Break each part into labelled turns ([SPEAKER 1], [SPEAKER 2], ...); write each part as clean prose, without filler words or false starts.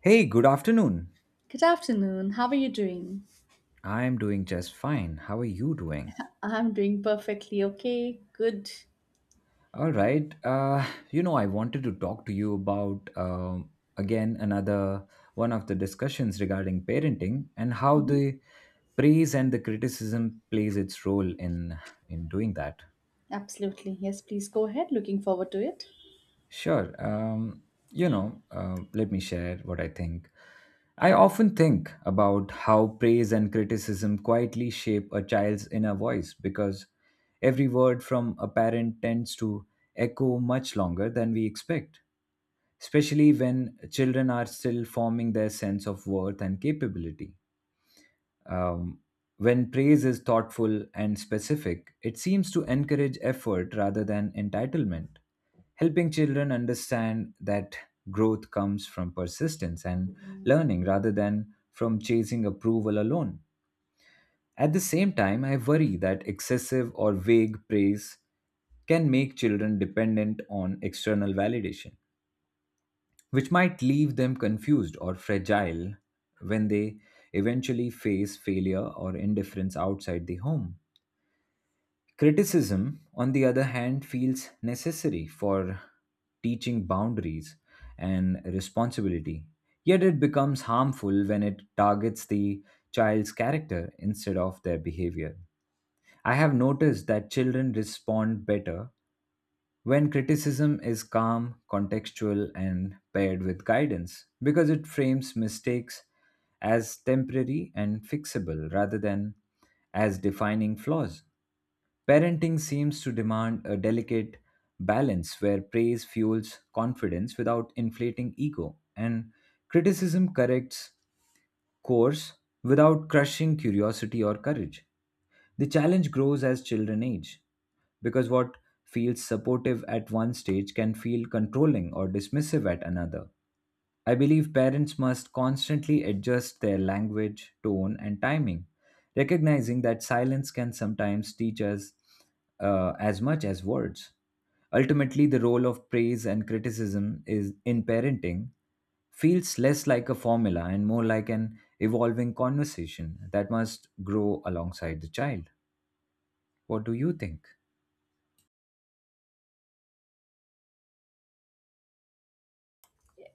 [SPEAKER 1] Hey, good afternoon.
[SPEAKER 2] Good afternoon. How are you doing?
[SPEAKER 1] I'm doing just fine. How are you doing?
[SPEAKER 2] I'm doing perfectly okay. Good.
[SPEAKER 1] All right. I wanted to talk to you about again another one of the discussions regarding parenting and how
[SPEAKER 2] Hmm.
[SPEAKER 1] the praise and the criticism plays its role in doing that.
[SPEAKER 2] Absolutely. Yes, please go ahead. Looking forward to it.
[SPEAKER 1] Sure. Let me share what I think. I often think about how praise and criticism quietly shape a child's inner voice because every word from a parent tends to echo much longer than we expect, especially when children are still forming their sense of worth and capability. Um, when praise is thoughtful and specific, it seems to encourage effort rather than entitlement, helping children understand that growth comes from persistence and learning rather than from chasing approval alone. At the same time, I worry that excessive or vague praise can make children dependent on external validation which might leave them confused or fragile when they eventually face failure or indifference outside the home. Criticism, on the other hand, feels necessary for teaching boundaries and responsibility, yet it becomes harmful when it targets the child's character instead of their behavior. I have noticed that children respond better when criticism is calm, contextual, and paired with guidance, because it frames mistakes as temporary and fixable rather than as defining flaws. Parenting seems to demand a delicate balance where praise fuels confidence without inflating ego, and criticism corrects course without crushing curiosity or courage. The challenge grows as children age, because what feels supportive at one stage can feel controlling or dismissive at another. I believe parents must constantly adjust their language, tone, and timing, recognizing that silence can sometimes teach us as much as words. Ultimately, the role of praise and criticism is in parenting feels less like a formula and more like an evolving conversation that must grow alongside the child. What do you think?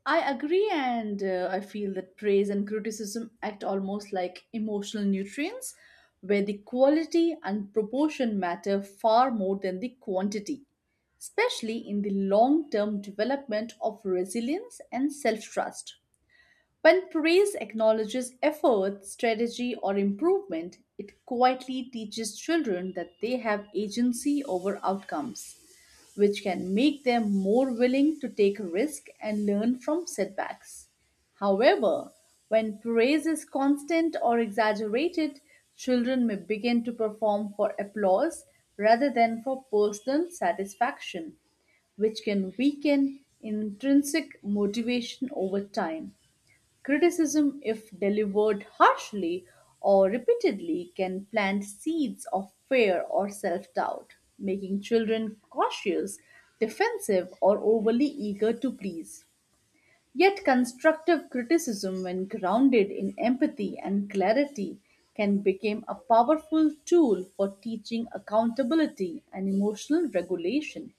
[SPEAKER 2] I agree, and I feel that praise and criticism act almost like emotional nutrients, where the quality and proportion matter far more than the quantity, especially in the long term development of resilience and self trust. When praise acknowledges effort, strategy, or improvement, it quietly teaches children that they have agency over outcomes, which can make them more willing to take risk and learn from setbacks. However, when praise is constant or exaggerated, children may begin to perform for applause rather than for personal satisfaction, which can weaken intrinsic motivation over time. Criticism, if delivered harshly or repeatedly, can plant seeds of fear or self doubt, making children cautious, defensive, or overly eager to please. Yet, constructive criticism, when grounded in empathy and clarity, can become a powerful tool for teaching accountability and emotional regulation.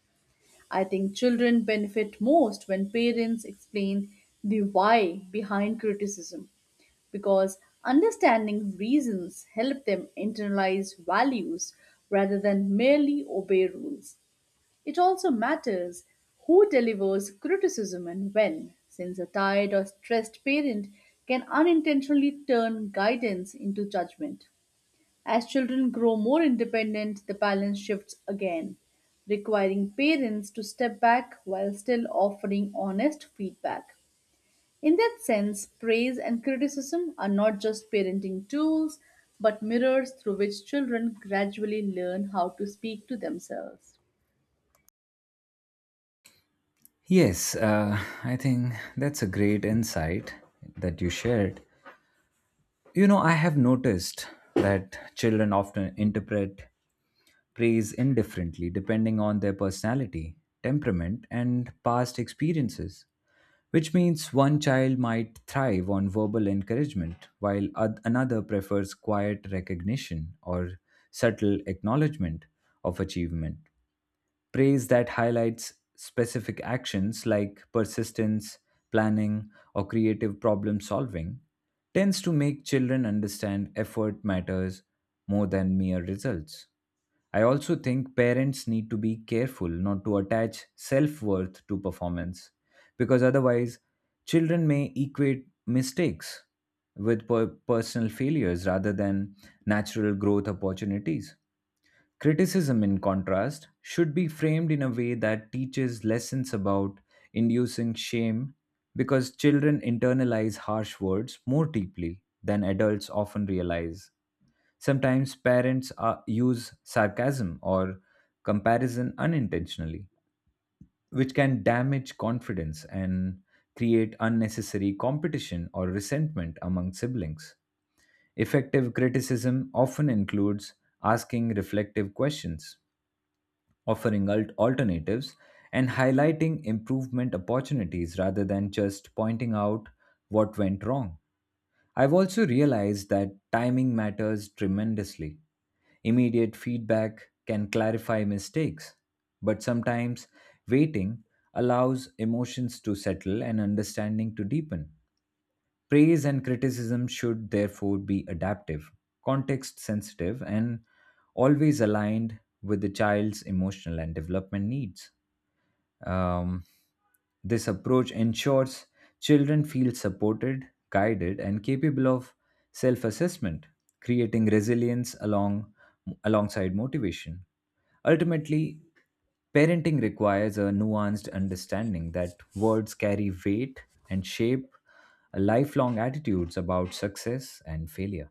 [SPEAKER 2] I think children benefit most when parents explain the why behind criticism because understanding reasons help them internalize values rather than merely obey rules. It also matters who delivers criticism and when, since a tired or stressed parent can unintentionally turn guidance into judgment. As children grow more independent, the balance shifts again, requiring parents to step back while still offering honest feedback. In that sense, praise and criticism are not just parenting tools, but mirrors through which children gradually learn how to speak to themselves.
[SPEAKER 1] Yes, I think that's a great insight that you shared. You know, I have noticed that children often interpret praise indifferently depending on their personality, temperament, and past experiences, which means one child might thrive on verbal encouragement while another prefers quiet recognition or subtle acknowledgement of achievement praise that highlights specific actions like persistence, planning, or creative problem solving tends to make children understand effort matters more than mere results. I also think parents need to be careful not to attach self worth to performance because otherwise, children may equate mistakes with personal failures rather than natural growth opportunities. Criticism, in contrast, should be framed in a way that teaches lessons about inducing shame because children internalize harsh words more deeply than adults often realize. Sometimes parents are, use sarcasm or comparison unintentionally, which can damage confidence and create unnecessary competition or resentment among siblings. Effective criticism often includes asking reflective questions offering alternatives and highlighting improvement opportunities rather than just pointing out what went wrong. I've also realized that timing matters tremendously. Immediate feedback can clarify mistakes, but sometimes waiting allows emotions to settle and understanding to deepen. Praise and criticism should therefore be adaptive, context sensitive, and always aligned with the child's emotional and development needs. Um, this approach ensures children feel supported, guided, and capable of self assessment, creating alongside motivation. Ultimately, parenting requires a nuanced understanding that words carry weight and shape lifelong attitudes about success and failure.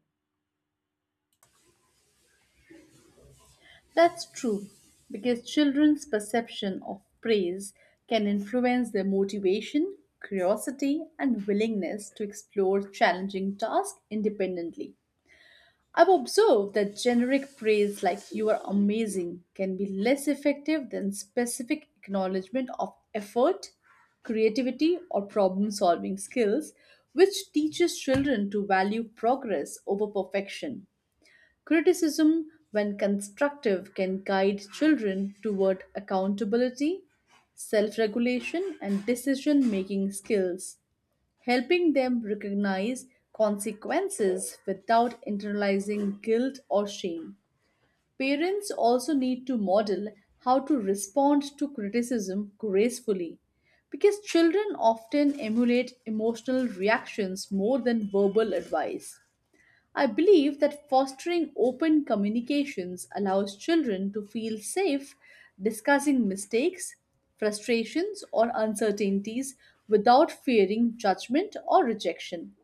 [SPEAKER 2] That's true, because children's perception of praise can influence their motivation, curiosity, and willingness to explore challenging tasks independently. I've observed that generic praise like you are amazing can be less effective than specific acknowledgement of effort, creativity, or problem solving skills, which teaches children to value progress over perfection. Criticism, when constructive, can guide children toward accountability, self regulation, and decision making skills helping them recognize consequences without internalizing guilt or shame. Parents also need to model how to respond to criticism gracefully because children often emulate emotional reactions more than verbal advice. I believe that fostering open communications allows children to feel safe discussing mistakes, frustrations, or uncertainties without fearing judgment or rejection.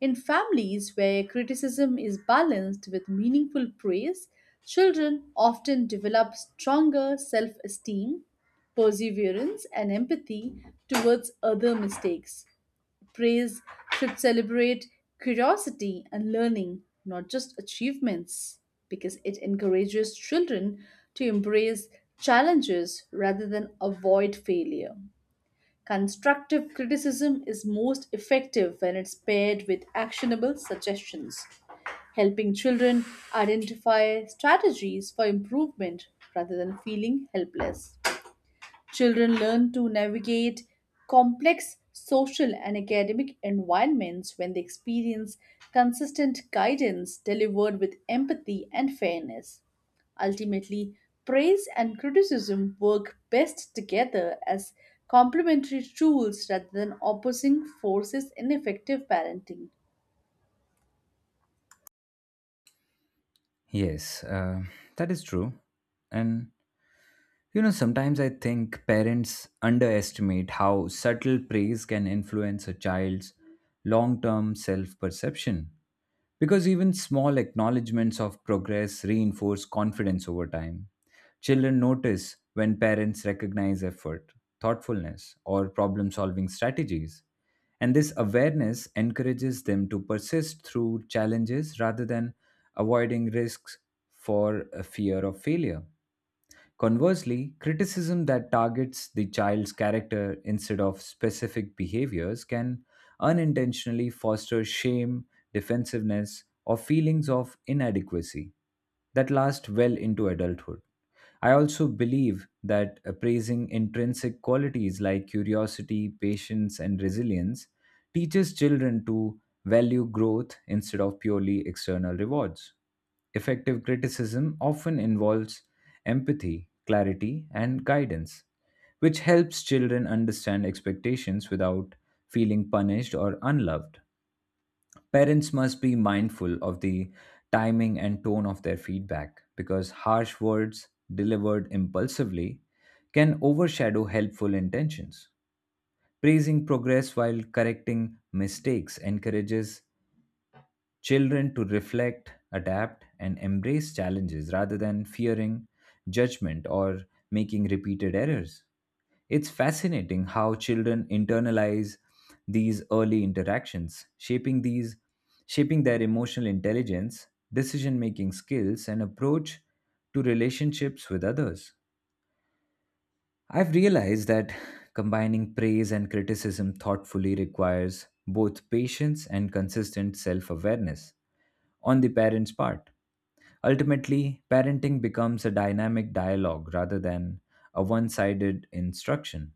[SPEAKER 2] In families where criticism is balanced with meaningful praise, children often develop stronger self esteem, perseverance, and empathy towards other mistakes. Praise should celebrate curiosity and learning, not just achievements, because it encourages children to embrace challenges rather than avoid failure. Constructive criticism is most effective when it's paired with actionable suggestions, helping children identify strategies for improvement rather than feeling helpless. Children learn to navigate complex social and academic environments when they experience consistent guidance delivered with empathy and fairness. Ultimately, praise and criticism work best together as complementary tools rather than opposing forces in effective parenting.
[SPEAKER 1] Yes, that is true. And you know, sometimes I think parents underestimate how subtle praise can influence a child's long term self perception. Because even small acknowledgements of progress reinforce confidence over time. Children notice when parents recognize effort, thoughtfulness, or problem solving strategies. And this awareness encourages them to persist through challenges rather than avoiding risks for a fear of failure. Conversely, criticism that targets the child's character instead of specific behaviors can unintentionally foster shame, defensiveness, or feelings of inadequacy that last well into adulthood. I also believe that appraising intrinsic qualities like curiosity, patience, and resilience teaches children to value growth instead of purely external rewards. Effective criticism often involves empathy, clarity, and guidance, which helps children understand expectations without feeling punished or unloved. Parents must be mindful of the timing and tone of their feedback because harsh words delivered impulsively can overshadow helpful intentions. Praising progress while correcting mistakes encourages children to reflect, adapt, and embrace challenges rather than fearing judgment or making repeated errors. It's fascinating how children internalize these early interactions, shaping their emotional intelligence, decision-making skills, and approach to relationships with others. I've realized that combining praise and criticism thoughtfully requires both patience and consistent self awareness on the parent's part. Ultimately, parenting becomes a dynamic dialogue rather than a one sided instruction,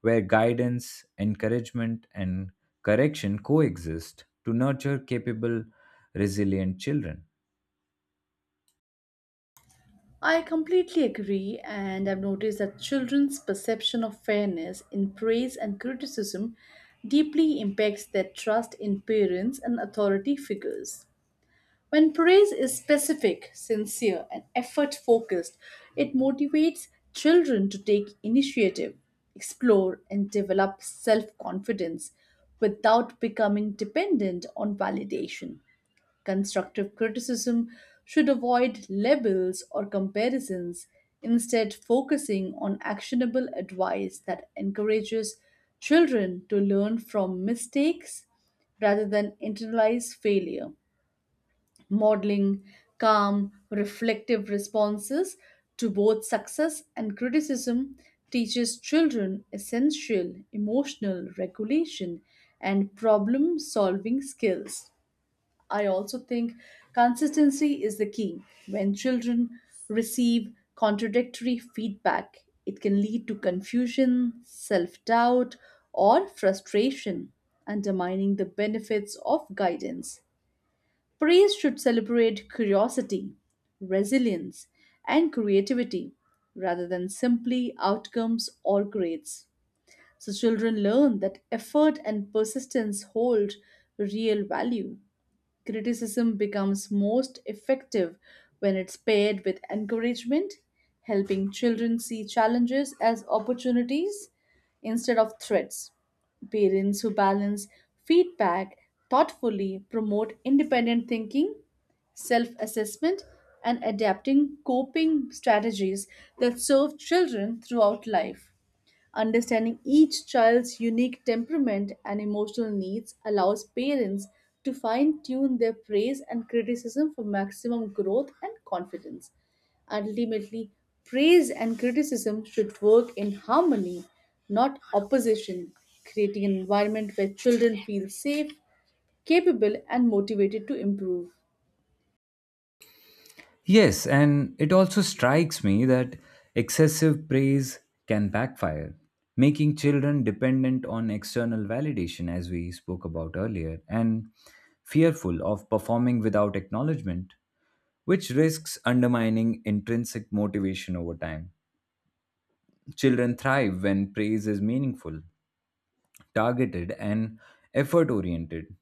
[SPEAKER 1] where guidance, encouragement, and correction coexist to nurture capable, resilient children.
[SPEAKER 2] I completely agree, and I've noticed that children's perception of fairness in praise and criticism deeply impacts their trust in parents and authority figures. When praise is specific, sincere, and effort focused, it motivates children to take initiative, explore, and develop self confidence without becoming dependent on validation. Constructive criticism should avoid labels or comparisons, instead, focusing on actionable advice that encourages children to learn from mistakes rather than internalize failure. Modeling calm, reflective responses to both success and criticism teaches children essential emotional regulation and problem solving skills. I also think consistency is the key. When children receive contradictory feedback, it can lead to confusion, self doubt, or frustration, undermining the benefits of guidance. Praise should celebrate curiosity, resilience, and creativity rather than simply outcomes or grades. So, children learn that effort and persistence hold real value. Criticism becomes most effective when it's paired with encouragement, helping children see challenges as opportunities instead of threats. Parents who balance feedback thoughtfully promote independent thinking, self assessment, and adapting coping strategies that serve children throughout life. Understanding each child's unique temperament and emotional needs allows parents to fine tune their praise and criticism for maximum growth and confidence. Ultimately, praise and criticism should work in harmony, not opposition, creating an environment where children feel safe, capable, and motivated to improve.
[SPEAKER 1] Yes, and it also strikes me that excessive praise can backfire, making children dependent on external validation, as we spoke about earlier, and fearful of performing without acknowledgement, which risks undermining intrinsic motivation over time. Children thrive when praise is meaningful, targeted, and effort oriented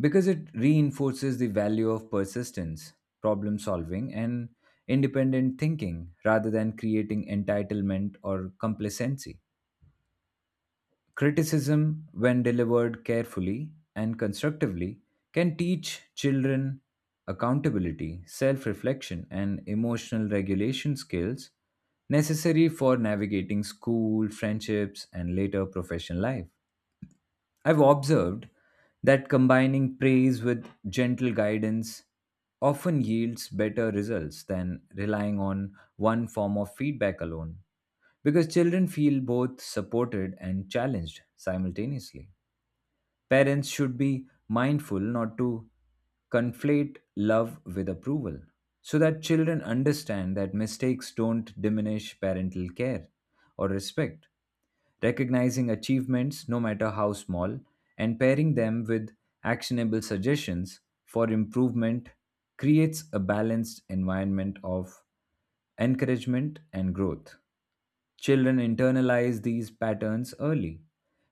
[SPEAKER 1] because it reinforces the value of persistence, problem solving, and independent thinking rather than creating entitlement or complacency. Criticism, when delivered carefully and constructively, can teach children accountability, self reflection, and emotional regulation skills necessary for navigating school, friendships, and later professional life. I've observed that combining praise with gentle guidance often yields better results than relying on one form of feedback alone, because children feel both supported and challenged simultaneously. Parents should be mindful not to conflate love with approval so that children understand that mistakes don't diminish parental care or respect recognizing achievements, no matter how small, and pairing them with actionable suggestions for improvement creates a balanced environment of encouragement and growth. Children internalize these patterns early,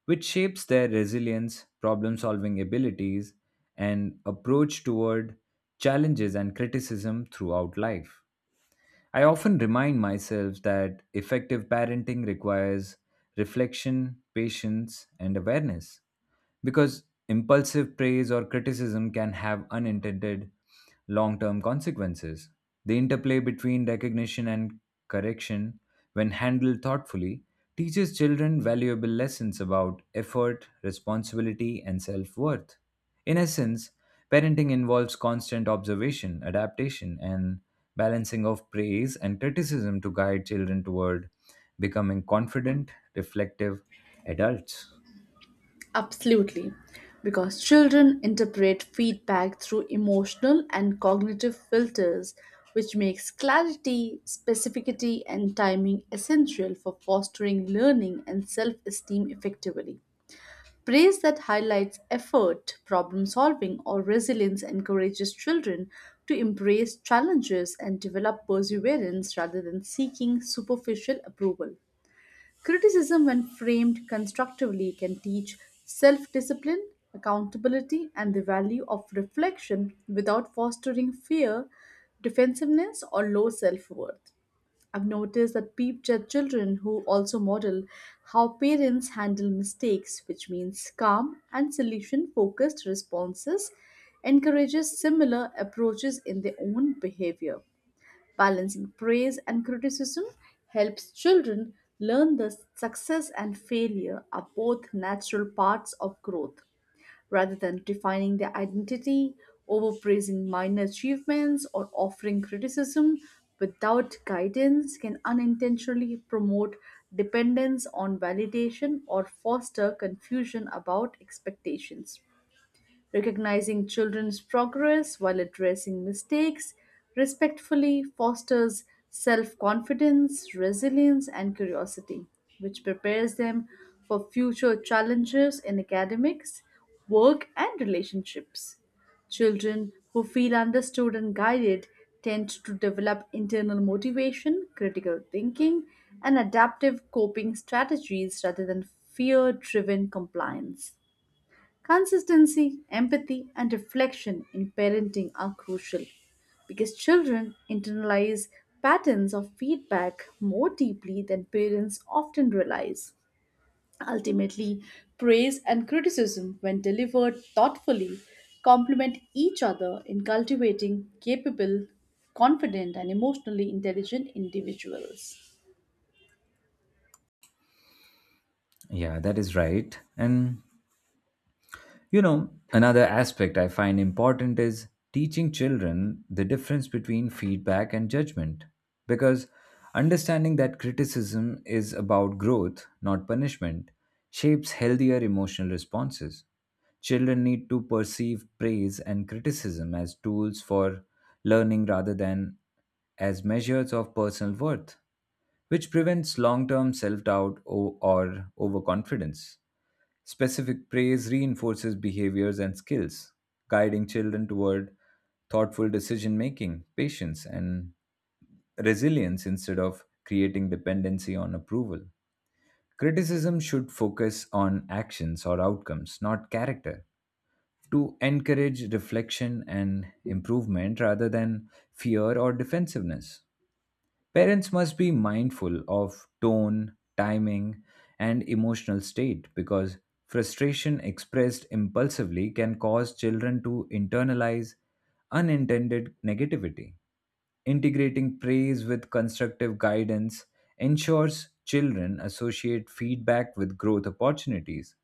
[SPEAKER 1] which shapes their resilience, problem solving abilities, and approach toward challenges and criticism throughout life. I often remind myself that effective parenting requires reflection, patience, and awareness because impulsive praise or criticism can have unintended long term consequences. The interplay between recognition and correction, when handled thoughtfully, teaches children valuable lessons about effort, responsibility, and self worth. In essence, parenting involves constant observation, adaptation, and balancing of praise and criticism to guide children toward becoming confident, reflective adults.
[SPEAKER 2] Absolutely, because children interpret feedback through emotional and cognitive filters, which makes clarity, specificity, and timing essential for fostering learning and self esteem effectively. Praise that highlights effort, problem solving, or resilience encourages children to embrace challenges and develop perseverance rather than seeking superficial approval. Criticism, when framed constructively, can teach self discipline, accountability, and the value of reflection without fostering fear, defensiveness, or low self worth. I've noticed that peep children who also model how parents handle mistakes, which means calm and solution focused responses, encourages similar approaches in their own behavior. Balancing praise and criticism helps children learn that success and failure are both natural parts of growth. Rather than defining their identity, overpraising minor achievements, or offering criticism without guidance can unintentionally promote dependence on validation or foster confusion about expectations. Recognizing children's progress while addressing mistakes respectfully fosters self confidence, resilience, and curiosity, which prepares them for future challenges in academics, work, and relationships. Children who feel understood and guided tend to develop internal motivation, critical thinking, and adaptive coping strategies rather than fear driven compliance. Consistency, empathy, and reflection in parenting are crucial because children internalize patterns of feedback more deeply than parents often realize. Ultimately, praise and criticism, when delivered thoughtfully, complement each other in cultivating capable, confident, and emotionally intelligent individuals.
[SPEAKER 1] Yeah, that is right. And you know, another aspect I find important is teaching children the difference between feedback and judgment. Because understanding that criticism is about growth, not punishment, shapes healthier emotional responses. Children need to perceive praise and criticism as tools for learning rather than as measures of personal worth, which prevents long term self doubt or overconfidence. Specific praise reinforces behaviors and skills, guiding children toward thoughtful decision making, patience, and resilience instead of creating dependency on approval. Criticism should focus on actions or outcomes, not character, to encourage reflection and improvement rather than fear or defensiveness. Parents must be mindful of tone, timing, and emotional state because frustration expressed impulsively can cause children to internalize unintended negativity. Integrating praise with constructive guidance ensures children associate feedback with growth opportunities,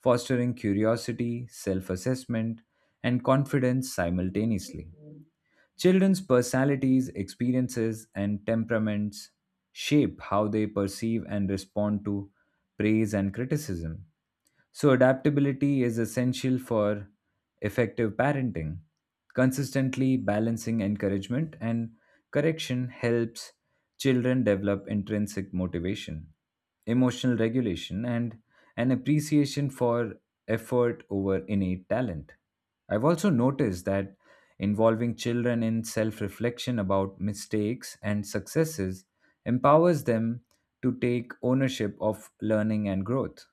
[SPEAKER 1] fostering curiosity, self assessment, and confidence simultaneously. Children's personalities, experiences, and temperaments shape how they perceive and respond to praise and criticism. So, adaptability is essential for effective parenting. Consistently balancing encouragement and correction helps children develop intrinsic motivation, emotional regulation, and an appreciation for effort over innate talent. I've also noticed that involving children in self reflection about mistakes and successes empowers them to take ownership of learning and growth.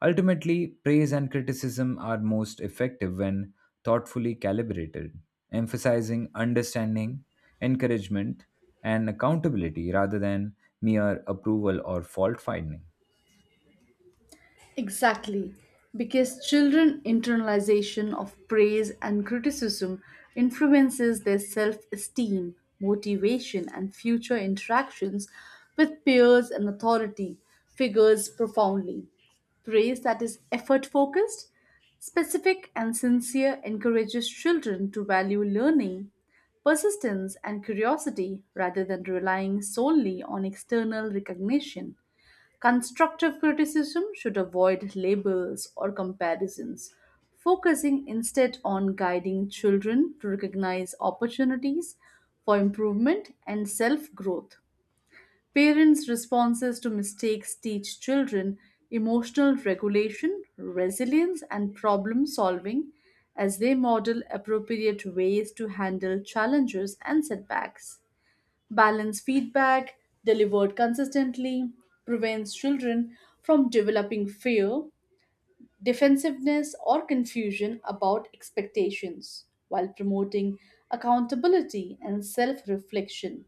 [SPEAKER 1] Ultimately, praise and criticism are most effective when thoughtfully calibrated, emphasizing understanding, encouragement, and accountability rather than mere approval or fault finding.
[SPEAKER 2] Exactly, because children internalization of praise and criticism influences their self-esteem, motivation and future interactions with peers and authority figures profoundly. Praise that is effort focused, specific and sincere encourages children to value learning, persistence and curiosity rather than relying solely on external recognition. Constructive criticism should avoid labels or comparisons, focusing instead on guiding children to recognize opportunities for improvement and self growth. Parents' responses to mistakes teach children emotional regulation, resilience, and problem solving as they model appropriate ways to handle challenges and setbacks. Balanced feedback, delivered consistently, prevents children from developing fear, defensiveness, or confusion about expectations, while promoting accountability and self reflection.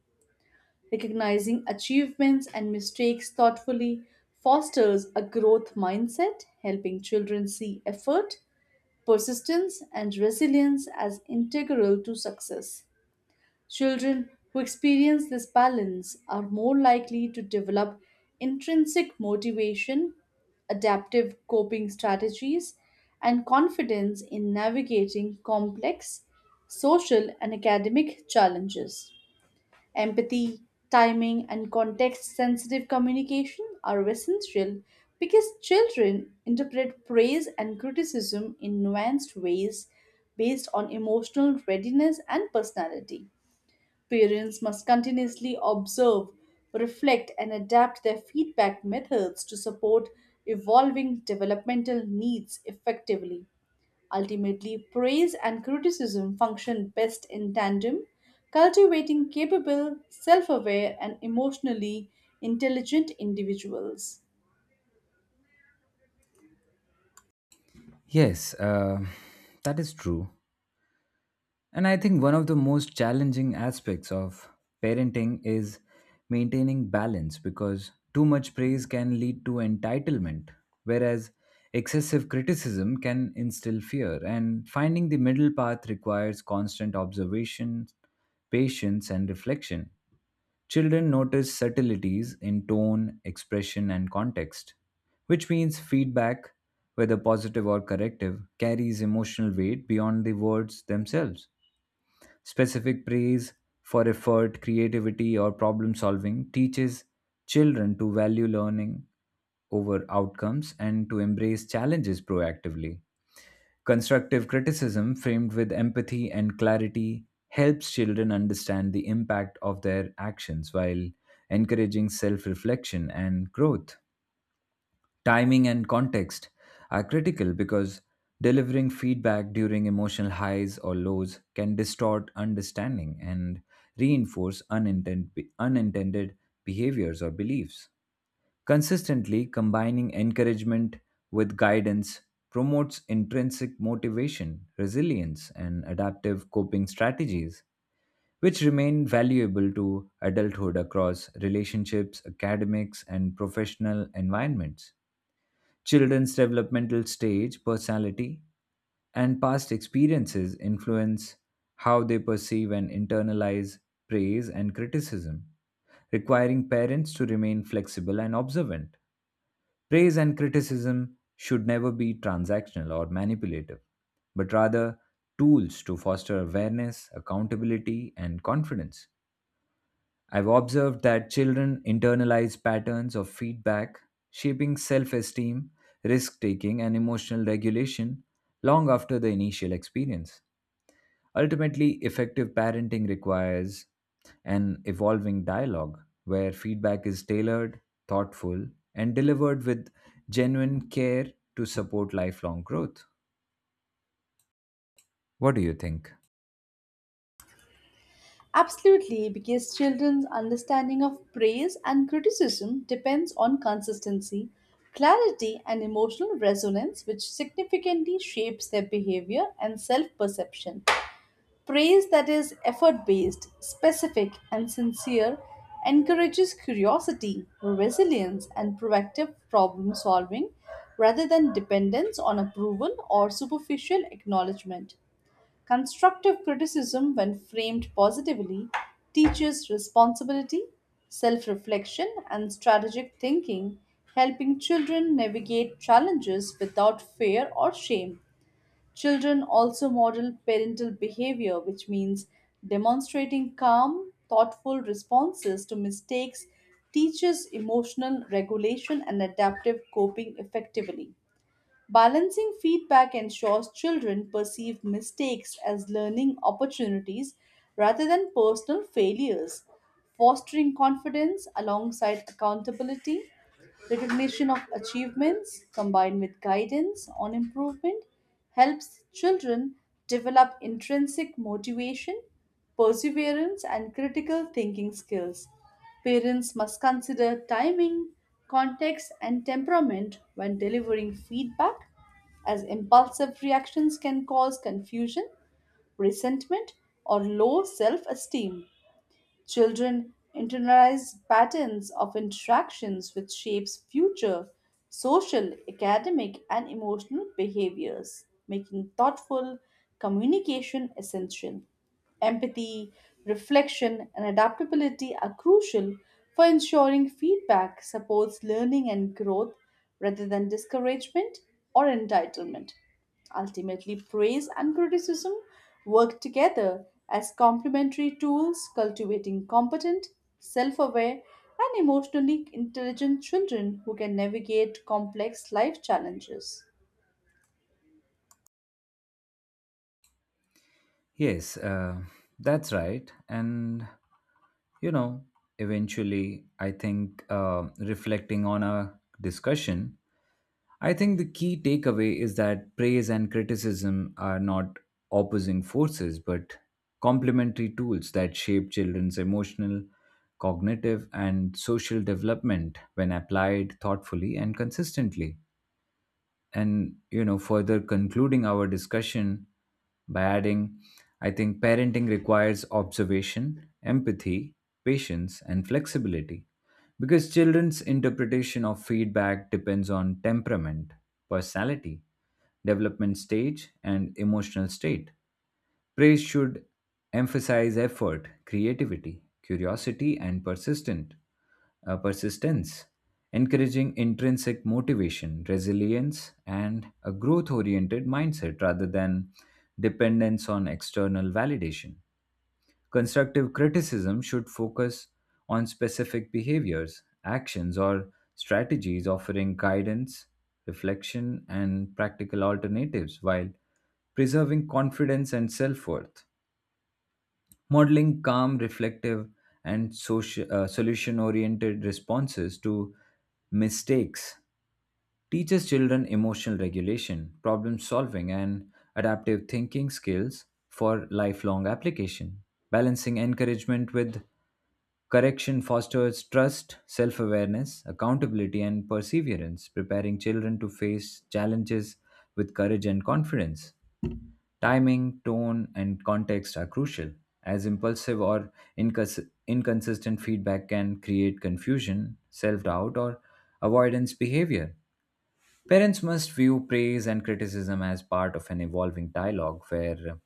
[SPEAKER 2] Recognizing achievements and mistakes thoughtfully fosters a growth mindset, helping children see effort, persistence, and resilience as integral to success. Children who experience this balance are more likely to develop intrinsic motivation, adaptive coping strategies, and confidence in navigating complex social and academic challenges. Empathy, timing, and context sensitive communication are essential because children interpret praise and criticism in nuanced ways based on emotional readiness and personality. Parents must continuously observe, reflect, and adapt their feedback methods to support evolving developmental needs effectively. Ultimately, praise and criticism function best in tandem, cultivating capable, self aware, and emotionally intelligent individuals.
[SPEAKER 1] Yes, that is true. And I think one of the most challenging aspects of parenting is maintaining balance because too much praise can lead to entitlement, whereas excessive criticism can instill fear. And finding the middle path requires constant observation, patience, and reflection. Children notice subtleties in tone, expression, and context, which means feedback, whether positive or corrective, carries emotional weight beyond the words themselves specific praise for effort, creativity, or problem solving teaches children to value learning over outcomes and to embrace challenges proactively. Constructive criticism, framed with empathy and clarity, helps children understand the impact of their actions while encouraging self reflection and growth. Timing and context are critical because delivering feedback during emotional highs or lows can distort understanding and reinforce unintended behaviors or beliefs. Consistently combining encouragement with guidance promotes intrinsic motivation, resilience, and adaptive coping strategies, which remain valuable to adulthood across relationships, academics, and professional environments. Children's developmental stage, personality, and past experiences influence how they perceive and internalize praise and criticism, requiring parents to remain flexible and observant. Praise and criticism should never be transactional or manipulative, but rather tools to foster awareness, accountability, and confidence. I've observed that children internalize patterns of feedback, shaping self esteem, risk taking, and emotional regulation long after the initial experience. Ultimately, effective parenting requires an evolving dialogue where feedback is tailored, thoughtful, and delivered with genuine care to support lifelong growth. What do you think?
[SPEAKER 2] Absolutely, because children's understanding of praise and criticism depends on consistency, clarity, and emotional resonance, which significantly shapes their behavior and self perception. Praise that is effort based, specific, and sincere encourages curiosity, resilience, and proactive problem solving rather than dependence on approval or superficial acknowledgement. Constructive criticism, when framed positively, teaches responsibility, self reflection, and strategic thinking, helping children navigate challenges without fear or shame. Children also model parental behavior, which means demonstrating calm, thoughtful responses to mistakes, teaches emotional regulation and adaptive coping effectively. Balancing feedback ensures children perceive mistakes as learning opportunities rather than personal failures, fostering confidence alongside accountability. Recognition of achievements combined with guidance on improvement helps children develop intrinsic motivation, perseverance, and critical thinking skills. Parents must consider timing, context, and temperament when delivering feedback, as impulsive reactions can cause confusion, resentment, or low self esteem. Children internalize patterns of interactions which shapes future social, academic, and emotional behaviors, making thoughtful communication essential. Empathy, reflection, and adaptability are crucial for ensuring feedback supports learning and growth rather than discouragement or entitlement. Ultimately, praise and criticism work together as complementary tools, cultivating competent, self aware, and emotionally intelligent children who can navigate complex life challenges.
[SPEAKER 1] Yes, that's right. And, you know, eventually, I think reflecting on our discussion, I think the key takeaway is that praise and criticism are not opposing forces, but complementary tools that shape children's emotional, cognitive, and social development when applied thoughtfully and consistently and you know further concluding our discussion by adding I think parenting requires observation empathy patience and flexibility because children's interpretation of feedback depends on temperament personality development stage and emotional state praise should emphasize effort, creativity, curiosity, and persistent persistence, encouraging intrinsic motivation, resilience, and a growth-oriented mindset rather than dependence on external validation. Constructive criticism should focus on specific behaviors, actions, or strategies offering guidance, reflection, and practical alternatives while preserving confidence and self worth modeling calm, reflective, and solution oriented responses to mistakes teaches children emotional regulation, problem solving, and adaptive thinking skills for lifelong application. Balancing encouragement with correction fosters trust, self awareness, accountability, and perseverance, preparing children to face challenges with courage and confidence. Timing, tone, and context are crucial, as impulsive or inconsistent feedback can create confusion, self doubt, or avoidance behavior. Parents must view praise and criticism as part of an evolving dialogue where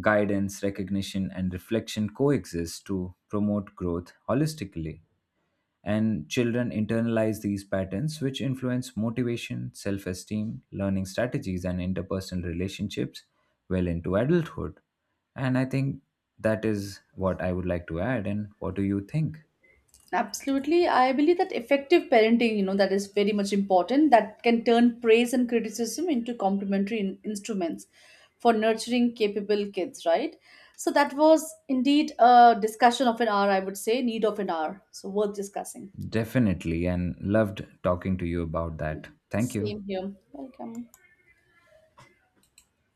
[SPEAKER 1] guidance, recognition, and reflection coexist to promote growth holistically. And children internalize these patterns, which influence motivation, self esteem, learning strategies, and interpersonal relationships well into adulthood. And I think that is what I would like to add. And what do you think?
[SPEAKER 2] Absolutely. I believe that effective parenting, that is very much important, that can turn praise and criticism into complementary instruments for nurturing capable kids, right? So that was indeed a discussion of an hour, I would say, need of an hour. So worth discussing.
[SPEAKER 1] Definitely. And loved talking to you about that. Thank you.
[SPEAKER 2] Same here. Welcome.